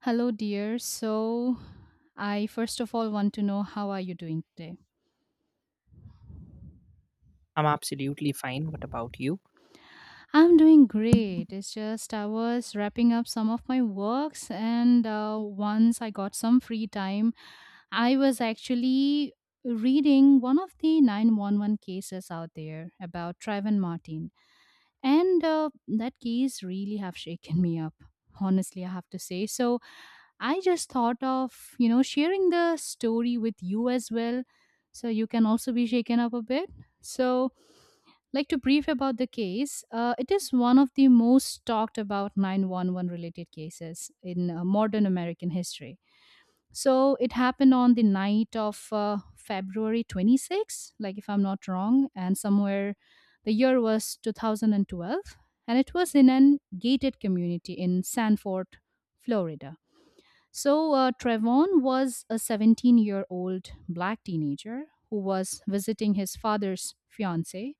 Hello, dear. I first of all want to know how are you doing today? I'm absolutely fine. What about you? I'm doing great. It's just I was wrapping up some of my works, and once I got some free time, I was actually reading one of the 911 cases out there about Trayvon Martin, and that case really have shaken me up. Honestly, I have to say so. I just thought of, sharing the story with you as well so you can also be shaken up a bit. So, like to brief about the case, it is one of the most talked about 911 related cases in modern American history. So, it happened on the night of February 26th, like if I'm not wrong, and somewhere the year was 2012, and it was in an gated community in Sanford, Florida. So, Trevon was a 17-year-old black teenager who was visiting his father's fiance,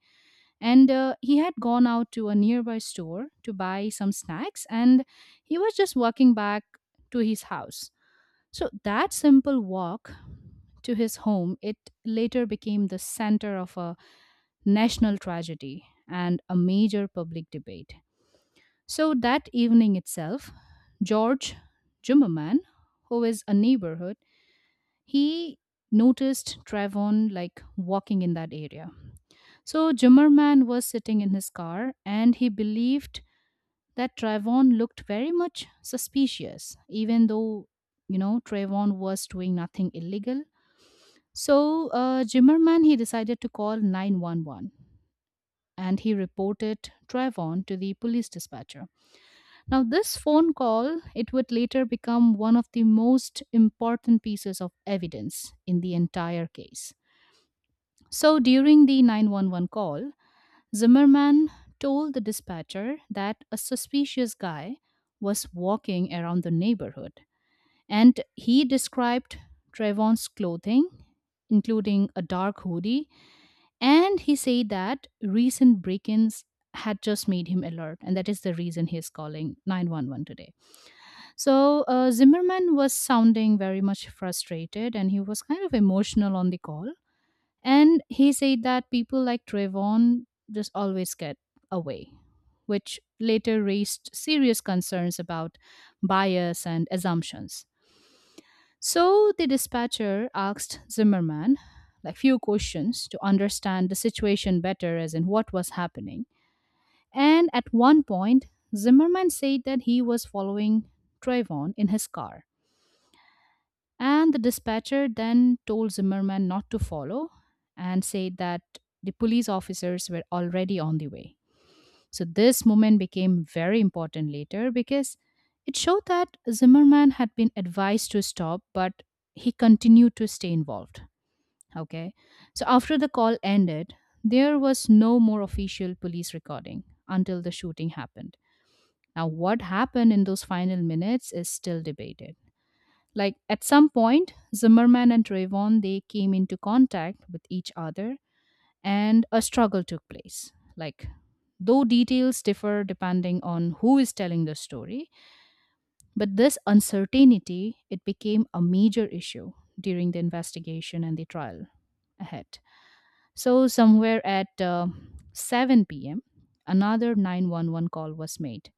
and he had gone out to a nearby store to buy some snacks, and he was just walking back to his house. So, that simple walk to his home, it later became the center of a national tragedy and a major public debate. So, that evening itself, George Jummerman, who is a neighborhood, he noticed Trayvon like walking in that area. So Zimmerman was sitting in his car and he believed that Trayvon looked very much suspicious, even though, you know, Trayvon was doing nothing illegal. So Jimmerman, he decided to call 911 and he reported Trayvon to the police dispatcher. Now, this phone call, it would later become one of the most important pieces of evidence in the entire case. So during the 911 call, Zimmerman told the dispatcher that a suspicious guy was walking around the neighborhood. And he described Trayvon's clothing, including a dark hoodie. And he said that recent break ins had just made him alert. And that is the reason he is calling 911 today. So Zimmerman was sounding very much frustrated and he was kind of emotional on the call. And he said that people like Trayvon just always get away, which later raised serious concerns about bias and assumptions. So the dispatcher asked Zimmerman like few questions to understand the situation better as in what was happening. And at one point, Zimmerman said that he was following Trayvon in his car and the dispatcher then told Zimmerman not to follow and said that the police officers were already on the way. So, this moment became very important later because it showed that Zimmerman had been advised to stop, but he continued to stay involved. Okay. So, after the call ended, there was no more official police recording until the shooting happened. Now, what happened in those final minutes is still debated. Like at some point, Zimmerman and Trayvon they came into contact with each other, and a struggle took place. Like though details differ depending on who is telling the story, but this uncertainty it became a major issue during the investigation and the trial ahead. So somewhere at 7 p.m., another 911 call was made.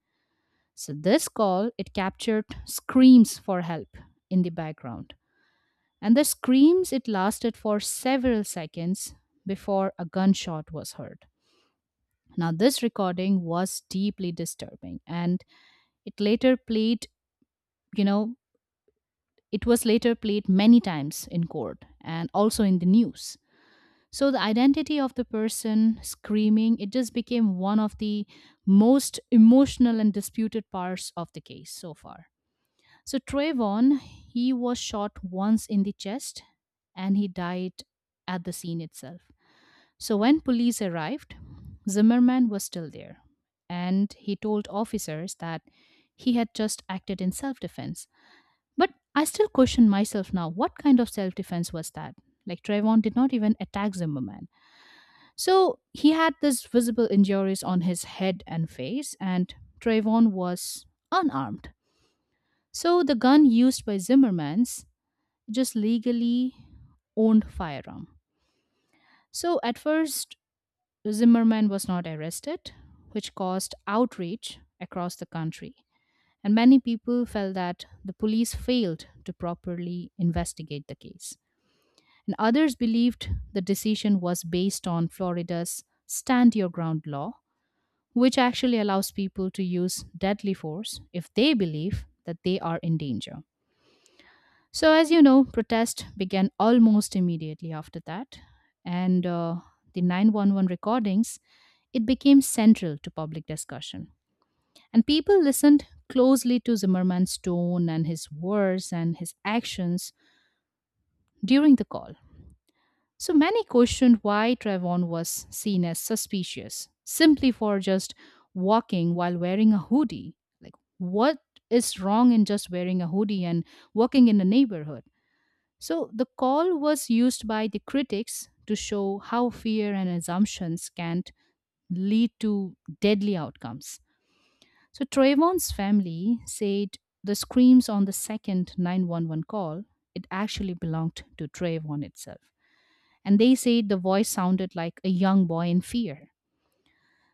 So this call it captured screams for help in the background and the screams it lasted for several seconds before a gunshot was heard. Now, this recording was deeply disturbing, and it later played, you know, it was later played many times in court and also in the news. So, the identity of the person screaming, it just became one of the most emotional and disputed parts of the case so far. So, Trayvon, he was shot once in the chest and he died at the scene itself. So when police arrived, Zimmerman was still there, and he told officers that he had just acted in self defense. But I still question myself now, what kind of self defense was that? Like Trayvon did not even attack Zimmerman. So he had these visible injuries on his head and face, and Trayvon was unarmed. So the gun used by Zimmerman's just legally owned firearm. So at first Zimmerman was not arrested, which caused outrage across the country. And many people felt that the police failed to properly investigate the case. And others believed the decision was based on Florida's stand your ground law, which actually allows people to use deadly force if they believe that they are in danger. So, as you know, protest began almost immediately after that, and the 911 recordings it became central to public discussion, and people listened closely to Zimmerman's tone and his words and his actions during the call. So many questioned why Trayvon was seen as suspicious simply for just walking while wearing a hoodie. Like, what is wrong in just wearing a hoodie and walking in the neighborhood? So the call was used by the critics to show how fear and assumptions can lead to deadly outcomes. So Trayvon's family said the screams on the second 911 call, it actually belonged to Trayvon itself. And they said the voice sounded like a young boy in fear.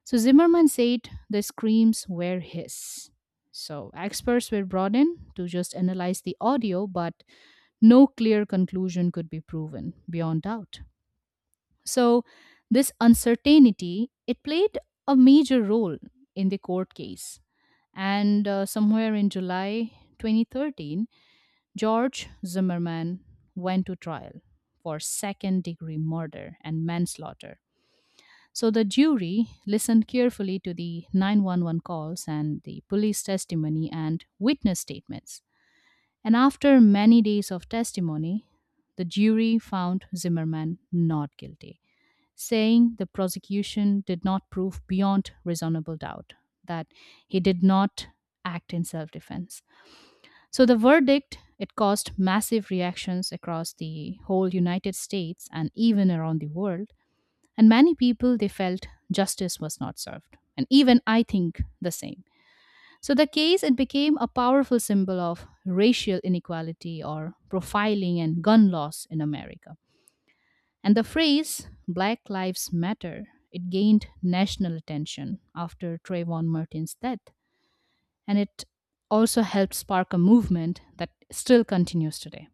So Zimmerman said the screams were his. So experts were brought in to just analyze the audio, but no clear conclusion could be proven beyond doubt. So this uncertainty it played a major role in the court case. And somewhere in July 2013, George Zimmerman went to trial for second degree murder and manslaughter. So the jury listened carefully to the 911 calls and the police testimony and witness statements. And after many days of testimony, the jury found Zimmerman not guilty saying the prosecution did not prove beyond reasonable doubt that he did not act in self-defense. So the verdict it caused massive reactions across the whole United States and even around the world and many people they felt justice was not served and even I think the same. So the case it became a powerful symbol of racial inequality or profiling and gun laws in America. And the phrase Black Lives Matter, it gained national attention after Trayvon Martin's death, and it also helped spark a movement that still continues today.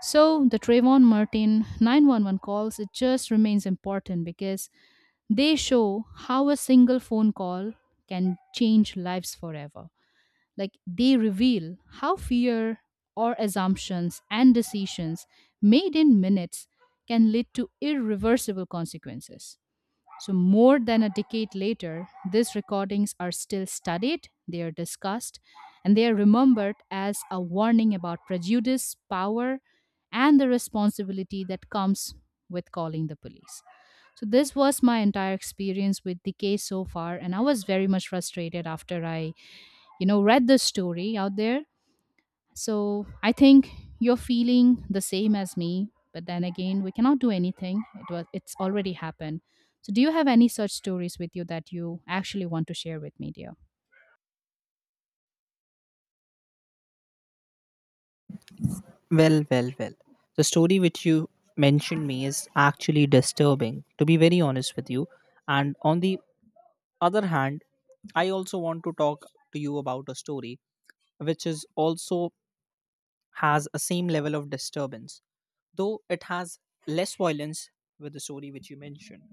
So the Trayvon Martin 911 calls, it just remains important because they show how a single phone call can change lives forever, like they reveal how fear or assumptions and decisions made in minutes can lead to irreversible consequences. So, more than a decade later, these recordings are still studied, they are discussed, and they are remembered as a warning about prejudice, power, and the responsibility that comes with calling the police. So, this was my entire experience with the case so far, and I was very much frustrated after I, you know, read this story out there, so I think you're feeling the same as me, but then again we cannot do anything, it's already happened. So do you have any such stories with you that you actually want to share with me, dear? Well, well, well. The story which you mentioned me is actually disturbing, to be very honest with you. And on the other hand, I also want to talk to you about a story which is also has a same level of disturbance, though it has less violence with the story which you mentioned.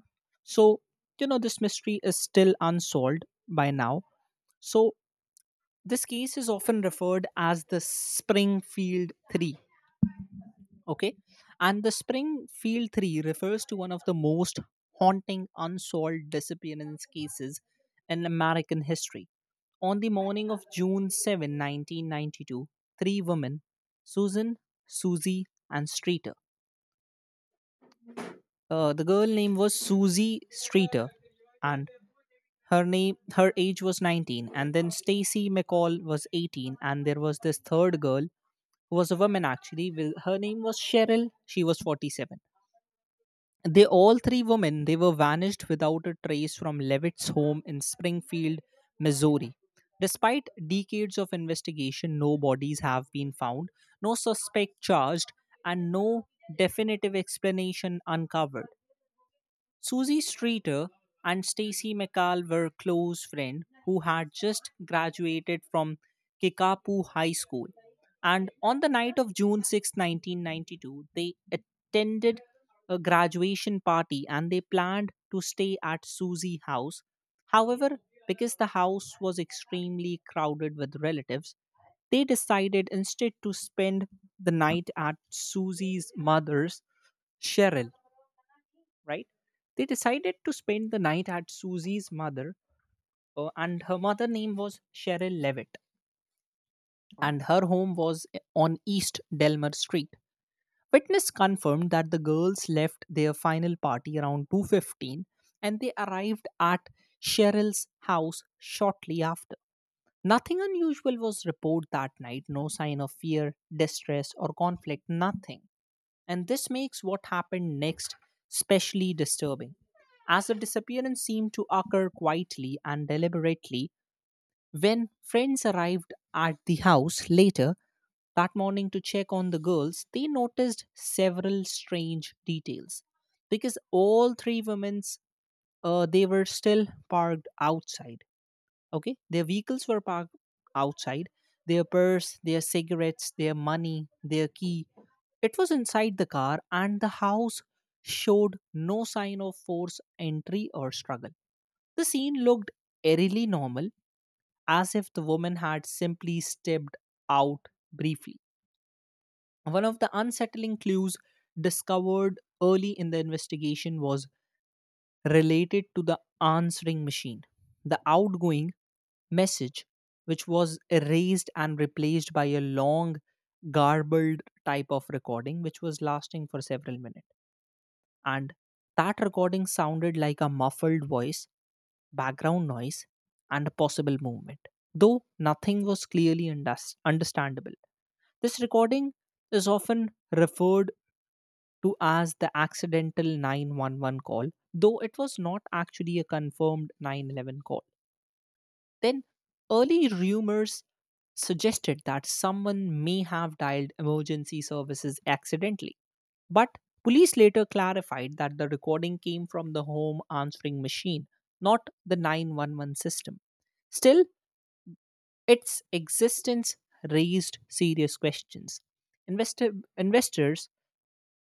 So, this mystery is still unsolved by now. So, this case is often referred as the Springfield 3, okay, and the Springfield 3 refers to one of the most haunting unsolved disappearance cases in American history. On the morning of June 7, 1992, three women, susan Susie and Streeter, the girl name was Susie Streeter, and her age was 19, and then Stacy McCall was 18, and there was this third girl who was a woman actually her name was Cheryl, she was 47. They all three women they were vanished without a trace from Levitt's home in Springfield, Missouri. Despite decades of investigation, no bodies have been found, no suspect charged, and no definitive explanation uncovered. Susie Streeter and Stacy McCall were close friends who had just graduated from Kickapoo High School. And on the night of June 6, 1992, they attended a graduation party and they planned to stay at Susie's house. However, because the house was extremely crowded with relatives, they decided instead to spend the night at Susie's mother's, Cheryl, right? They decided to spend the night at Susie's mother, and her mother name was Cheryl Levitt, and her home was on East Delmer Street. Witness confirmed that the girls left their final party around 2:15 and they arrived at Cheryl's house shortly after. Nothing unusual was reported that night, no sign of fear, distress or conflict, nothing. And this makes what happened next especially disturbing, as the disappearance seemed to occur quietly and deliberately. When friends arrived at the house later that morning to check on the girls, they noticed several strange details, because all three women's, they were still parked outside, okay, their vehicles were parked outside, their purse, their cigarettes, their money, their key, it was inside the car, and the house showed no sign of forced entry or struggle. The scene looked eerily normal, as if the woman had simply stepped out briefly. One of the unsettling clues discovered early in the investigation was related to the answering machine, the outgoing message which was erased and replaced by a long, garbled type of recording which was lasting for several minutes. And that recording sounded like a muffled voice, background noise, and a possible movement, though nothing was clearly understandable. This recording is often referred to as the accidental 911 call, though it was not actually a confirmed 911 call. Then, early rumors suggested that someone may have dialed emergency services accidentally. But police later clarified that the recording came from the home answering machine, not the 911 system. Still, its existence raised serious questions. Investor, investors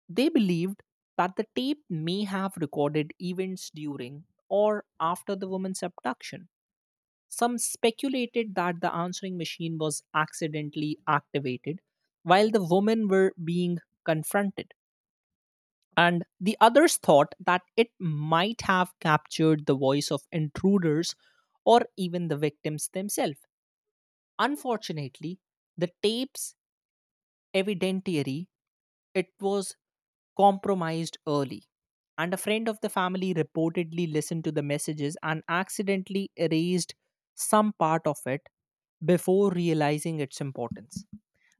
they believed that the tape may have recorded events during or after the woman's abduction. Some speculated that the answering machine was accidentally activated while the women were being confronted. And the others thought that it might have captured the voice of intruders or even the victims themselves. Unfortunately, the tape's evidentiary, it was compromised early. And a friend of the family reportedly listened to the messages and accidentally erased some part of it before realizing its importance.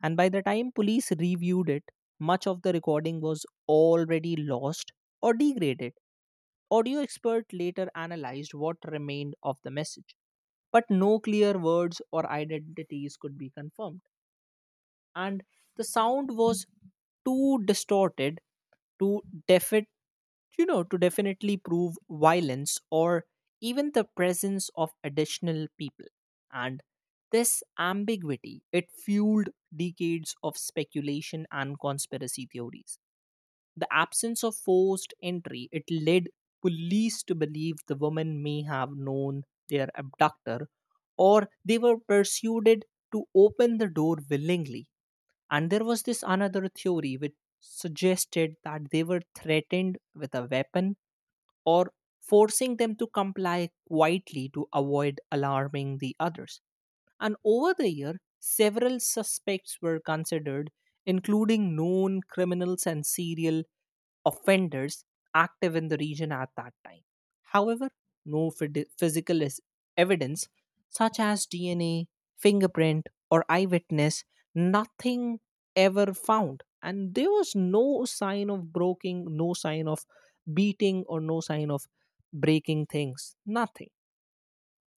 And by the time police reviewed it, much of the recording was already lost or degraded. Audio expert later analyzed what remained of the message, but no clear words or identities could be confirmed, and the sound was too distorted to defi- to definitely prove violence or even the presence of additional people. And this ambiguity it fueled decades of speculation and conspiracy theories. The absence of forced entry, it led police to believe the women may have known their abductor, or they were persuaded to open the door willingly. And there was this another theory which suggested that they were threatened with a weapon, or forcing them to comply quietly to avoid alarming the others. And over the year, several suspects were considered, including known criminals and serial offenders active in the region at that time. However, no physical evidence such as DNA, fingerprint, or eyewitness, nothing ever found. And there was no sign of breaking, no sign of beating, or no sign of breaking things, nothing.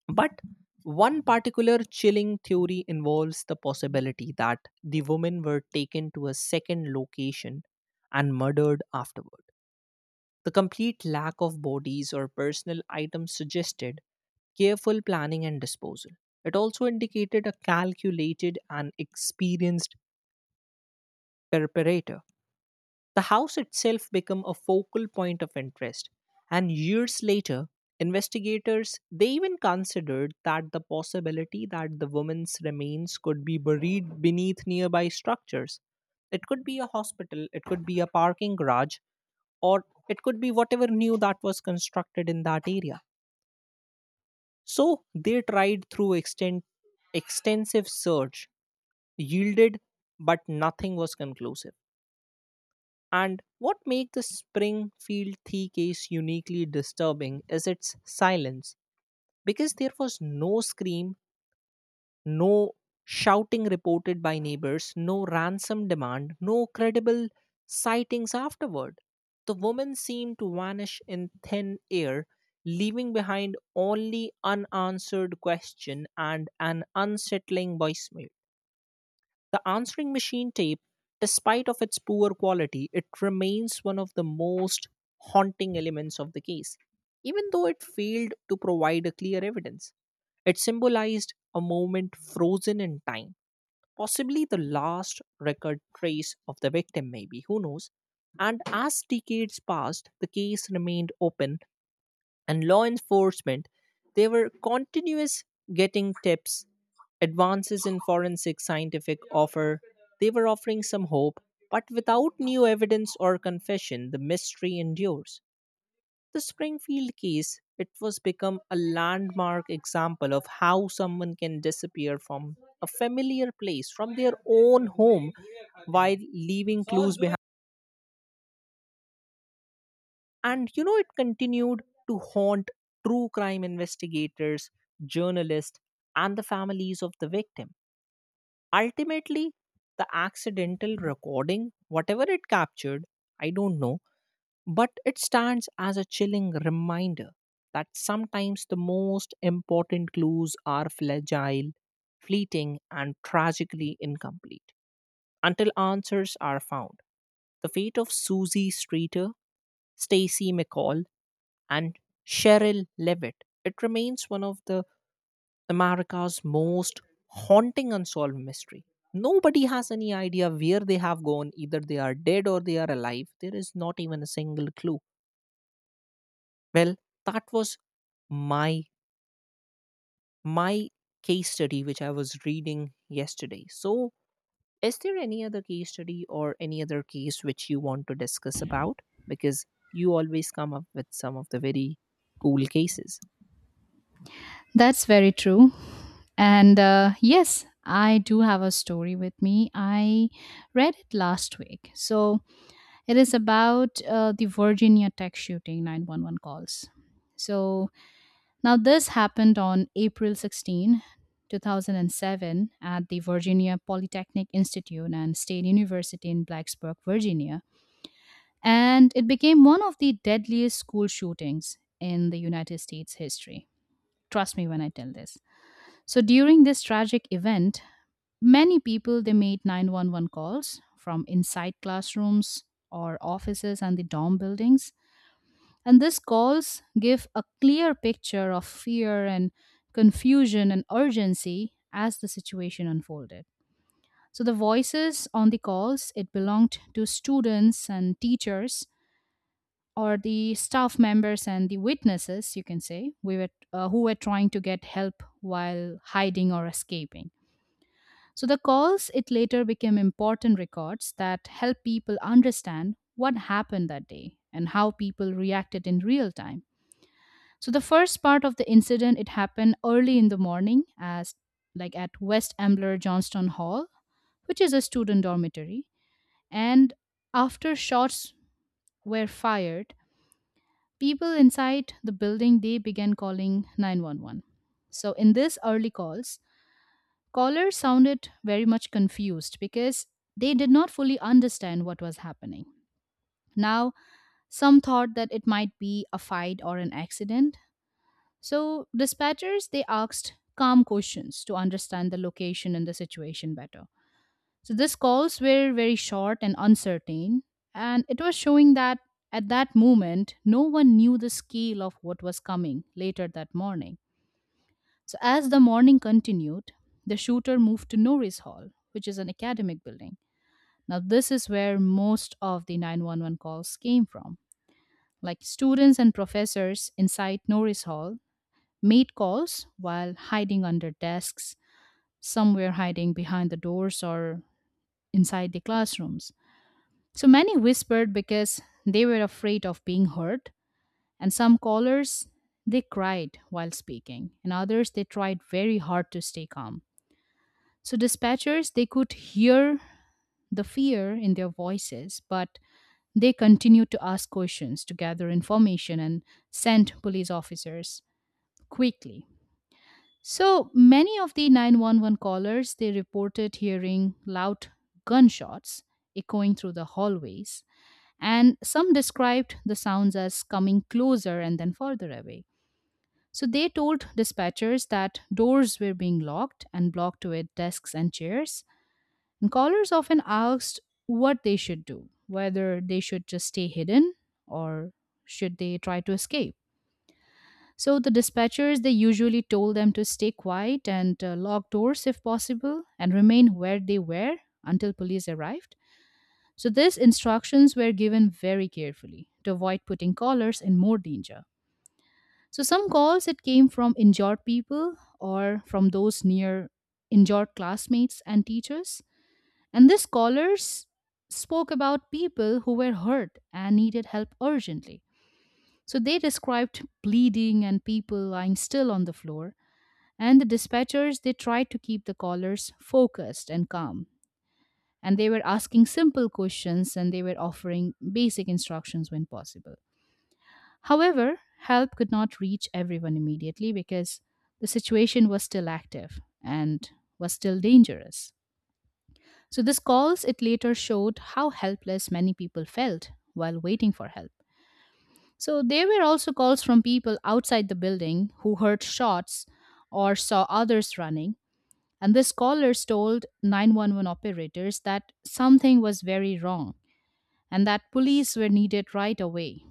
But one particular chilling theory involves the possibility that the women were taken to a second location and murdered afterward. The complete lack of bodies or personal items suggested careful planning and disposal. It also indicated a calculated and experienced preparator. The house itself became a focal point of interest, and years later, investigators they even considered that the possibility that the woman's remains could be buried beneath nearby structures. It could be a hospital, it could be a parking garage, or it could be whatever new that was constructed in that area. So they tried through extensive search, yielded, but nothing was conclusive. And what makes the Springfield Thea case uniquely disturbing is its silence, because there was no scream, no shouting reported by neighbors, no ransom demand, no credible sightings afterward. The woman seemed to vanish in thin air, leaving behind only unanswered question and an unsettling voicemail. The answering machine tape, despite of its poor quality, it remains one of the most haunting elements of the case, even though it failed to provide a clear evidence. It symbolized a moment frozen in time, possibly the last record trace of the victim, maybe, who knows. And as decades passed, the case remained open, and law enforcement they were continuous getting tips, advances in forensic scientific offer, they were offering some hope, but without new evidence or confession the mystery endures. The Springfield case, it was become a landmark example of how someone can disappear from a familiar place, from their own home, while leaving clues behind. And it continued to haunt true crime investigators, journalists, and the families of the victim. Ultimately, the accidental recording, whatever it captured, I don't know, but it stands as a chilling reminder that sometimes the most important clues are fragile, fleeting, and tragically incomplete until answers are found. The fate of Susie Streeter, Stacy McCall, and Cheryl Levitt, it remains one of the America's most haunting unsolved mystery. Nobody has any idea where they have gone. Either they are dead or they are alive. There is not even a single clue. Well, that was my my case study which I was reading yesterday. So, is there any other case study or any other case which you want to discuss about? Because you always come up with some of the very cool cases. That's very true, and yes, I do have a story with me. I read it last week. So it is about the Virginia Tech shooting 911 calls. So now, this happened on April 16, 2007, at the Virginia Polytechnic Institute and State University in Blacksburg, Virginia, and it became one of the deadliest school shootings in the United States history. Trust me when I tell this. So, during this tragic event, many people they made 911 calls from inside classrooms or offices and the dorm buildings and these calls give a clear picture of fear and confusion and urgency as the situation unfolded. So the voices on the calls it belonged to students and teachers or the staff members and the witnesses, you can say, we were who were trying to get help while hiding or escaping. So the calls it later became important records that help people understand what happened that day and how people reacted in real time. So the first part of the incident it happened early in the morning as like at West Ambler Johnston Hall, which is a student dormitory, and after shots were fired, people inside the building they began calling 911. So in this early calls, callers sounded very much confused because they did not fully understand what was happening. Now, some thought that it might be a fight or an accident. So dispatchers they asked calm questions to understand the location and the situation better. So these calls were very short and uncertain, and it was showing that at that moment no one knew the scale of what was coming later that morning. So as the morning continued, the shooter moved to Norris Hall, which is an academic building. Now this is where most of the 911 calls came from. Like students and professors inside Norris Hall made calls while hiding under desks. Some were hiding behind the doors or inside the classrooms. So many whispered because they were afraid of being heard, and some callers they cried while speaking, and others they tried very hard to stay calm. So dispatchers they could hear the fear in their voices, but they continued to ask questions to gather information and send police officers quickly. So many of the 911 callers they reported hearing loud gunshots echoing through the hallways, and some described the sounds as coming closer and then further away. So they told dispatchers that doors were being locked and blocked with desks and chairs. And callers often asked what they should do, whether they should just stay hidden or should they try to escape. So the dispatchers they usually told them to stay quiet and lock doors if possible and remain where they were until police arrived. So these instructions were given very carefully to avoid putting callers in more danger. So some calls it came from injured people or from those near injured classmates and teachers. And these callers spoke about people who were hurt and needed help urgently. So they described bleeding and people lying still on the floor, and the dispatchers, they tried to keep the callers focused and calm. And they were asking simple questions, and they were offering basic instructions when possible. However, help could not reach everyone immediately because the situation was still active and was still dangerous. So these calls it later showed how helpless many people felt while waiting for help. So there were also calls from people outside the building who heard shots or saw others running. And the scholars told 911 operators that something was very wrong and that police were needed right away.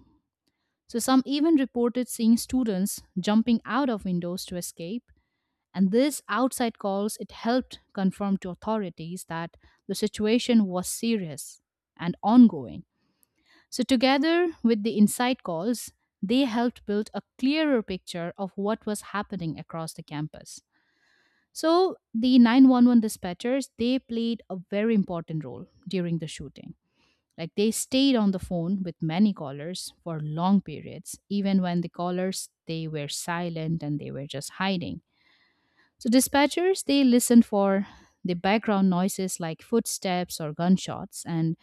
So, some even reported seeing students jumping out of windows to escape. And this outside calls it helped confirm to authorities that the situation was serious and ongoing. So, together with the inside calls, they helped build a clearer picture of what was happening across the campus. So the 911 dispatchers, they played a very important role during the shooting. Like, they stayed on the phone with many callers for long periods, even when the callers they were silent and they were just hiding. So dispatchers they listened for the background noises like footsteps or gunshots, and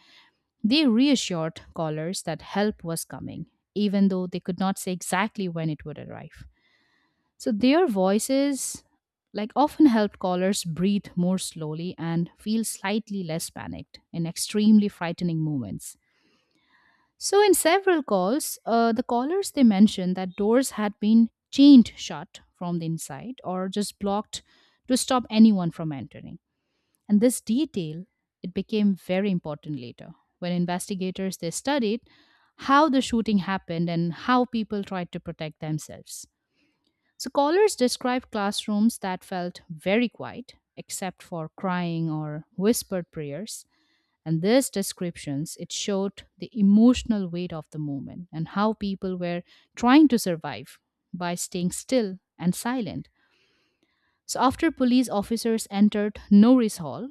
they reassured callers that help was coming, even though they could not say exactly when it would arrive. So their voices like often helped callers breathe more slowly and feel slightly less panicked in extremely frightening moments. So in several calls, the callers they mentioned that doors had been chained shut from the inside or just blocked to stop anyone from entering. And this detail it became very important later, when investigators they studied how the shooting happened and how people tried to protect themselves. Scholars describe classrooms that felt very quiet, except for crying or whispered prayers. And these descriptions, it showed the emotional weight of the movement and how people were trying to survive by staying still and silent. So after police officers entered Norris Hall,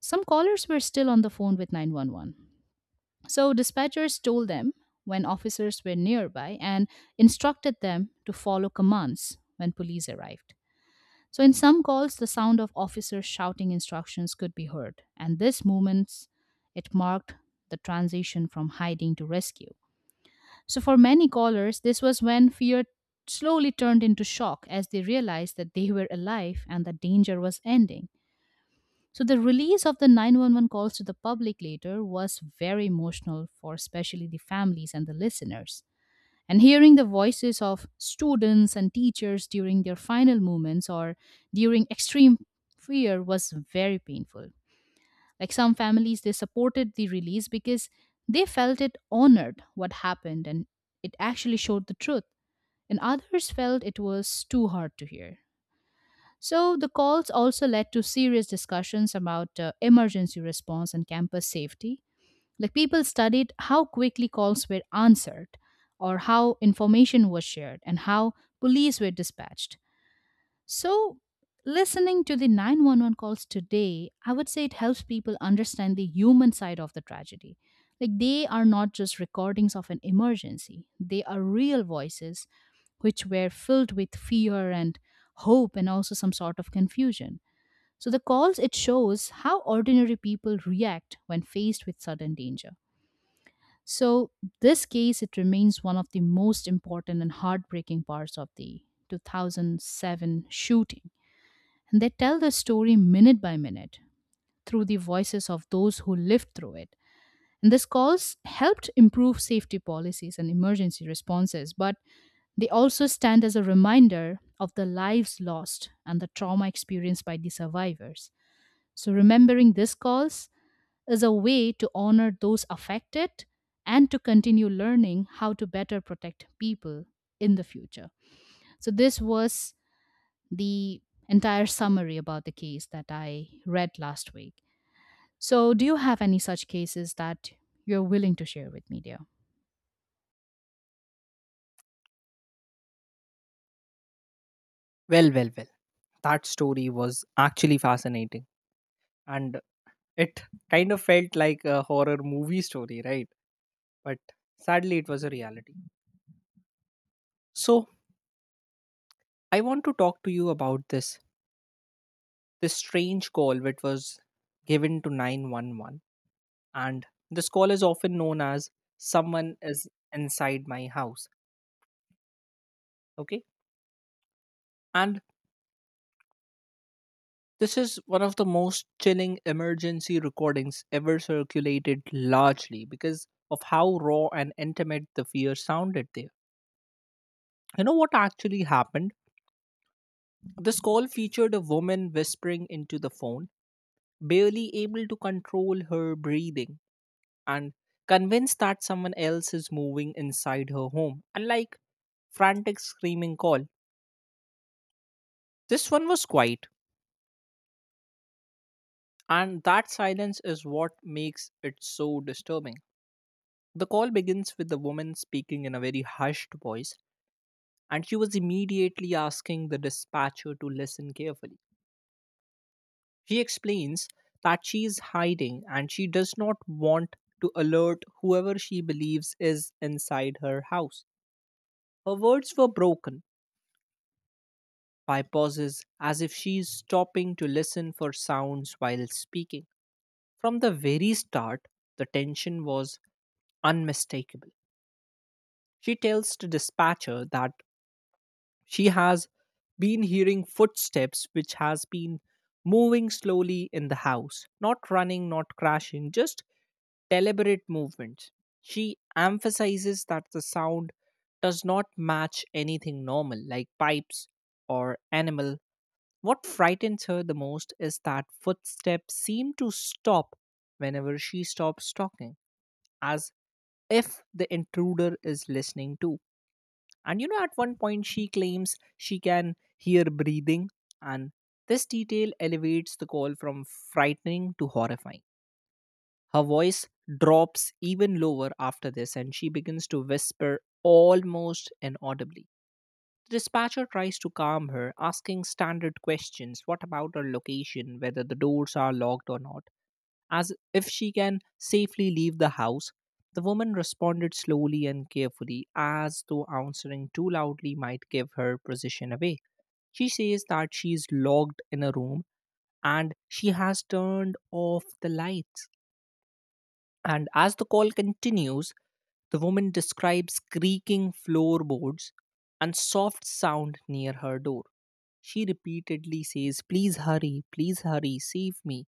some callers were still on the phone with 911. So dispatchers told them when officers were nearby and instructed them to follow commands when police arrived. So, in some calls, the sound of officers shouting instructions could be heard, and this movement it marked the transition from hiding to rescue. So, for many callers, this was when fear slowly turned into shock as they realized that they were alive and that danger was ending. So, the release of the 911 calls to the public later was very emotional for especially the families and the listeners. And hearing the voices of students and teachers during their final moments or during extreme fear was very painful. Like, some families, they supported the release because they felt it honored what happened and it actually showed the truth. And others felt it was too hard to hear. So the calls also led to serious discussions about emergency response and campus safety, like people studied how quickly calls were answered, or how information was shared, and how police were dispatched. So, listening to the 911 calls today, I would say it helps people understand the human side of the tragedy. Like, they are not just recordings of an emergency, they are real voices which were filled with fear and hope and also some sort of confusion. So the calls it shows how ordinary people react when faced with sudden danger. So, this case, it remains one of the most important and heartbreaking parts of the 2007 shooting. And they tell the story minute by minute through the voices of those who lived through it. And this calls helped improve safety policies and emergency responses, but they also stand as a reminder of the lives lost and the trauma experienced by the survivors. So, remembering these calls is a way to honor those affected and to continue learning how to better protect people in the future. So, this was the entire summary about the case that I read last week. So, do you have any such cases that you're willing to share with me, dear? Well, well, well. That story was actually fascinating. And it kind of felt like a horror movie story, right? But sadly, it was a reality. So, I want to talk to you about this strange call which was given to 911, and this call is often known as "someone is inside my house." Okay, and this is one of the most chilling emergency recordings ever circulated, largely because of how raw and intimate the fear sounded there. You know what actually happened? This call featured a woman whispering into the phone, barely able to control her breathing and convinced that someone else is moving inside her home. Unlike frantic screaming call, this one was quiet, and that silence is what makes it so disturbing. The call begins with the woman speaking in a very hushed voice, and she was immediately asking the dispatcher to listen carefully. She explains that she is hiding and she does not want to alert whoever she believes is inside her house. Her words were broken by pauses as if she is stopping to listen for sounds while speaking. From the very start, the tension was unmistakable. She tells the dispatcher that she has been hearing footsteps which has been moving slowly in the house, not running, not crashing, just deliberate movements. She emphasizes that the sound does not match anything normal, like pipes or animal. What frightens her the most is that footsteps seem to stop whenever she stops talking, as if the intruder is listening too. And at one point, she claims she can hear breathing, and this detail elevates the call from frightening to horrifying. Her voice drops even lower after this, and she begins to whisper almost inaudibly. The dispatcher tries to calm her, asking standard questions what about her location, whether the doors are locked or not, as if she can safely leave the house. The woman responded slowly and carefully, as though answering too loudly might give her position away. She says that she is locked in a room and she has turned off the lights. And as the call continues, the woman describes creaking floorboards and soft sound near her door. She repeatedly says, "Please hurry, please hurry, save me."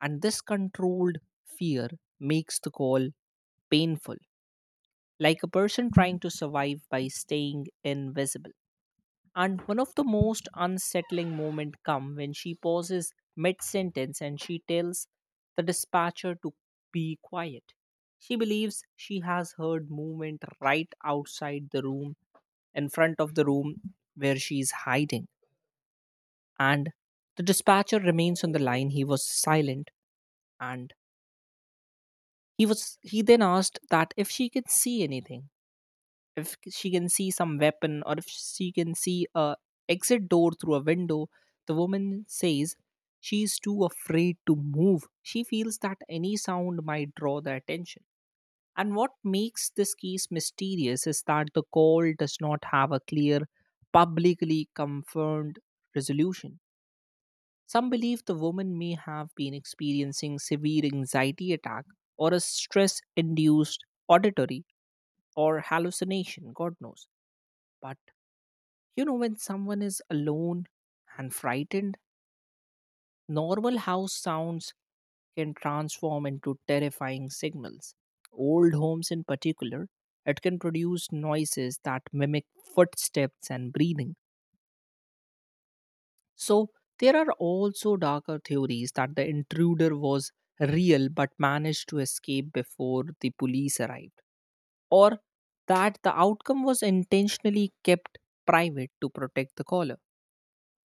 And this controlled fear makes the call painful, like a person trying to survive by staying invisible. And one of the most unsettling moments come when she pauses mid-sentence and she tells the dispatcher to be quiet. She believes she has heard movement right outside the room, in front of the room where she is hiding. And the dispatcher remains on the line. He was silent, and he then asked that if she could see anything, if she can see some weapon, or if she can see a exit door through a window. The woman says she's too afraid to move. She feels that any sound might draw the attention. And what makes this case mysterious is that the call does not have a clear, publicly confirmed resolution. Some believe the woman may have been experiencing severe anxiety attack or a stress induced auditory or hallucination, god knows. But when someone is alone and frightened, normal house sounds can transform into terrifying signals. Old homes, in particular, it can produce noises that mimic footsteps and breathing. So, there are also darker theories that the intruder was real but managed to escape before the police arrived, or that the outcome was intentionally kept private to protect the caller,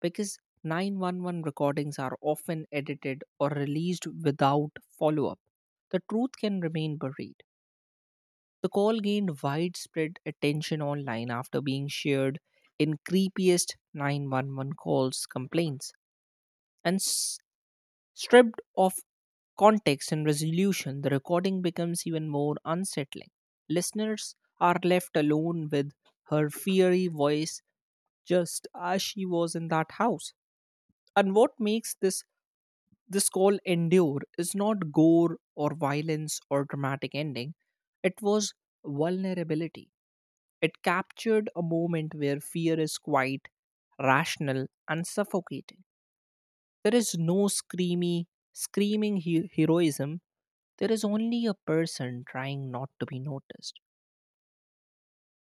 because 911 recordings are often edited or released without follow up. The truth can remain buried. The call gained widespread attention online after being shared in creepiest 911 calls complaints, and stripped of context and resolution, the recording becomes even more unsettling. Listeners are left alone with her fiery voice, just as she was in that house. And what makes this call endure is not gore or violence or dramatic ending. It was vulnerability. It captured a moment where fear is quite rational and suffocating. There is no screamy, heroism. There is only a person trying not to be noticed.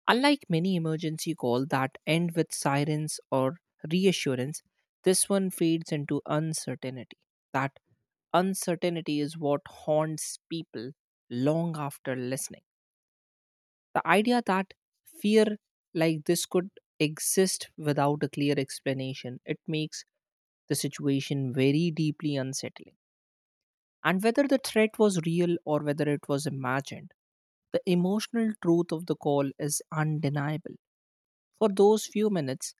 Unlike many emergency calls that end with sirens or reassurance, this one fades into uncertainty. That uncertainty is what haunts people long after listening. The idea that fear like this could exist without a clear explanation, it makes the situation very deeply unsettling. And whether the threat was real or whether it was imagined, the emotional truth of the call is undeniable. For those few minutes,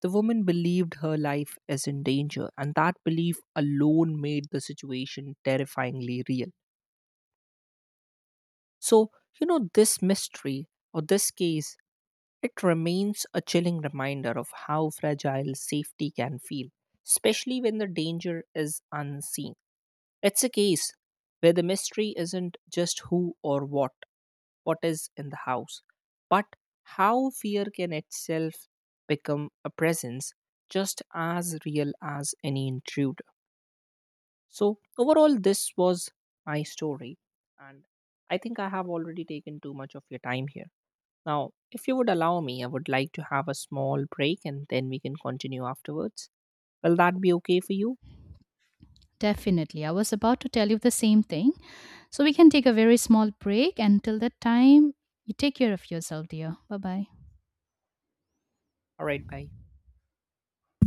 the woman believed her life is in danger, and that belief alone made the situation terrifyingly real. So, this mystery or this case, it remains a chilling reminder of how fragile safety can feel, especially when the danger is unseen. It's a case where the mystery isn't just who or what is in the house, but how fear can itself become a presence just as real as any intruder. So, overall, this was my story, and I think I have already taken too much of your time here. Now, if you would allow me, I would like to have a small break and then we can continue afterwards. Will that be okay for you? Definitely. I was about to tell you the same thing. So, we can take a very small break. Until that time, you take care of yourself, dear. Bye bye. All right, bye.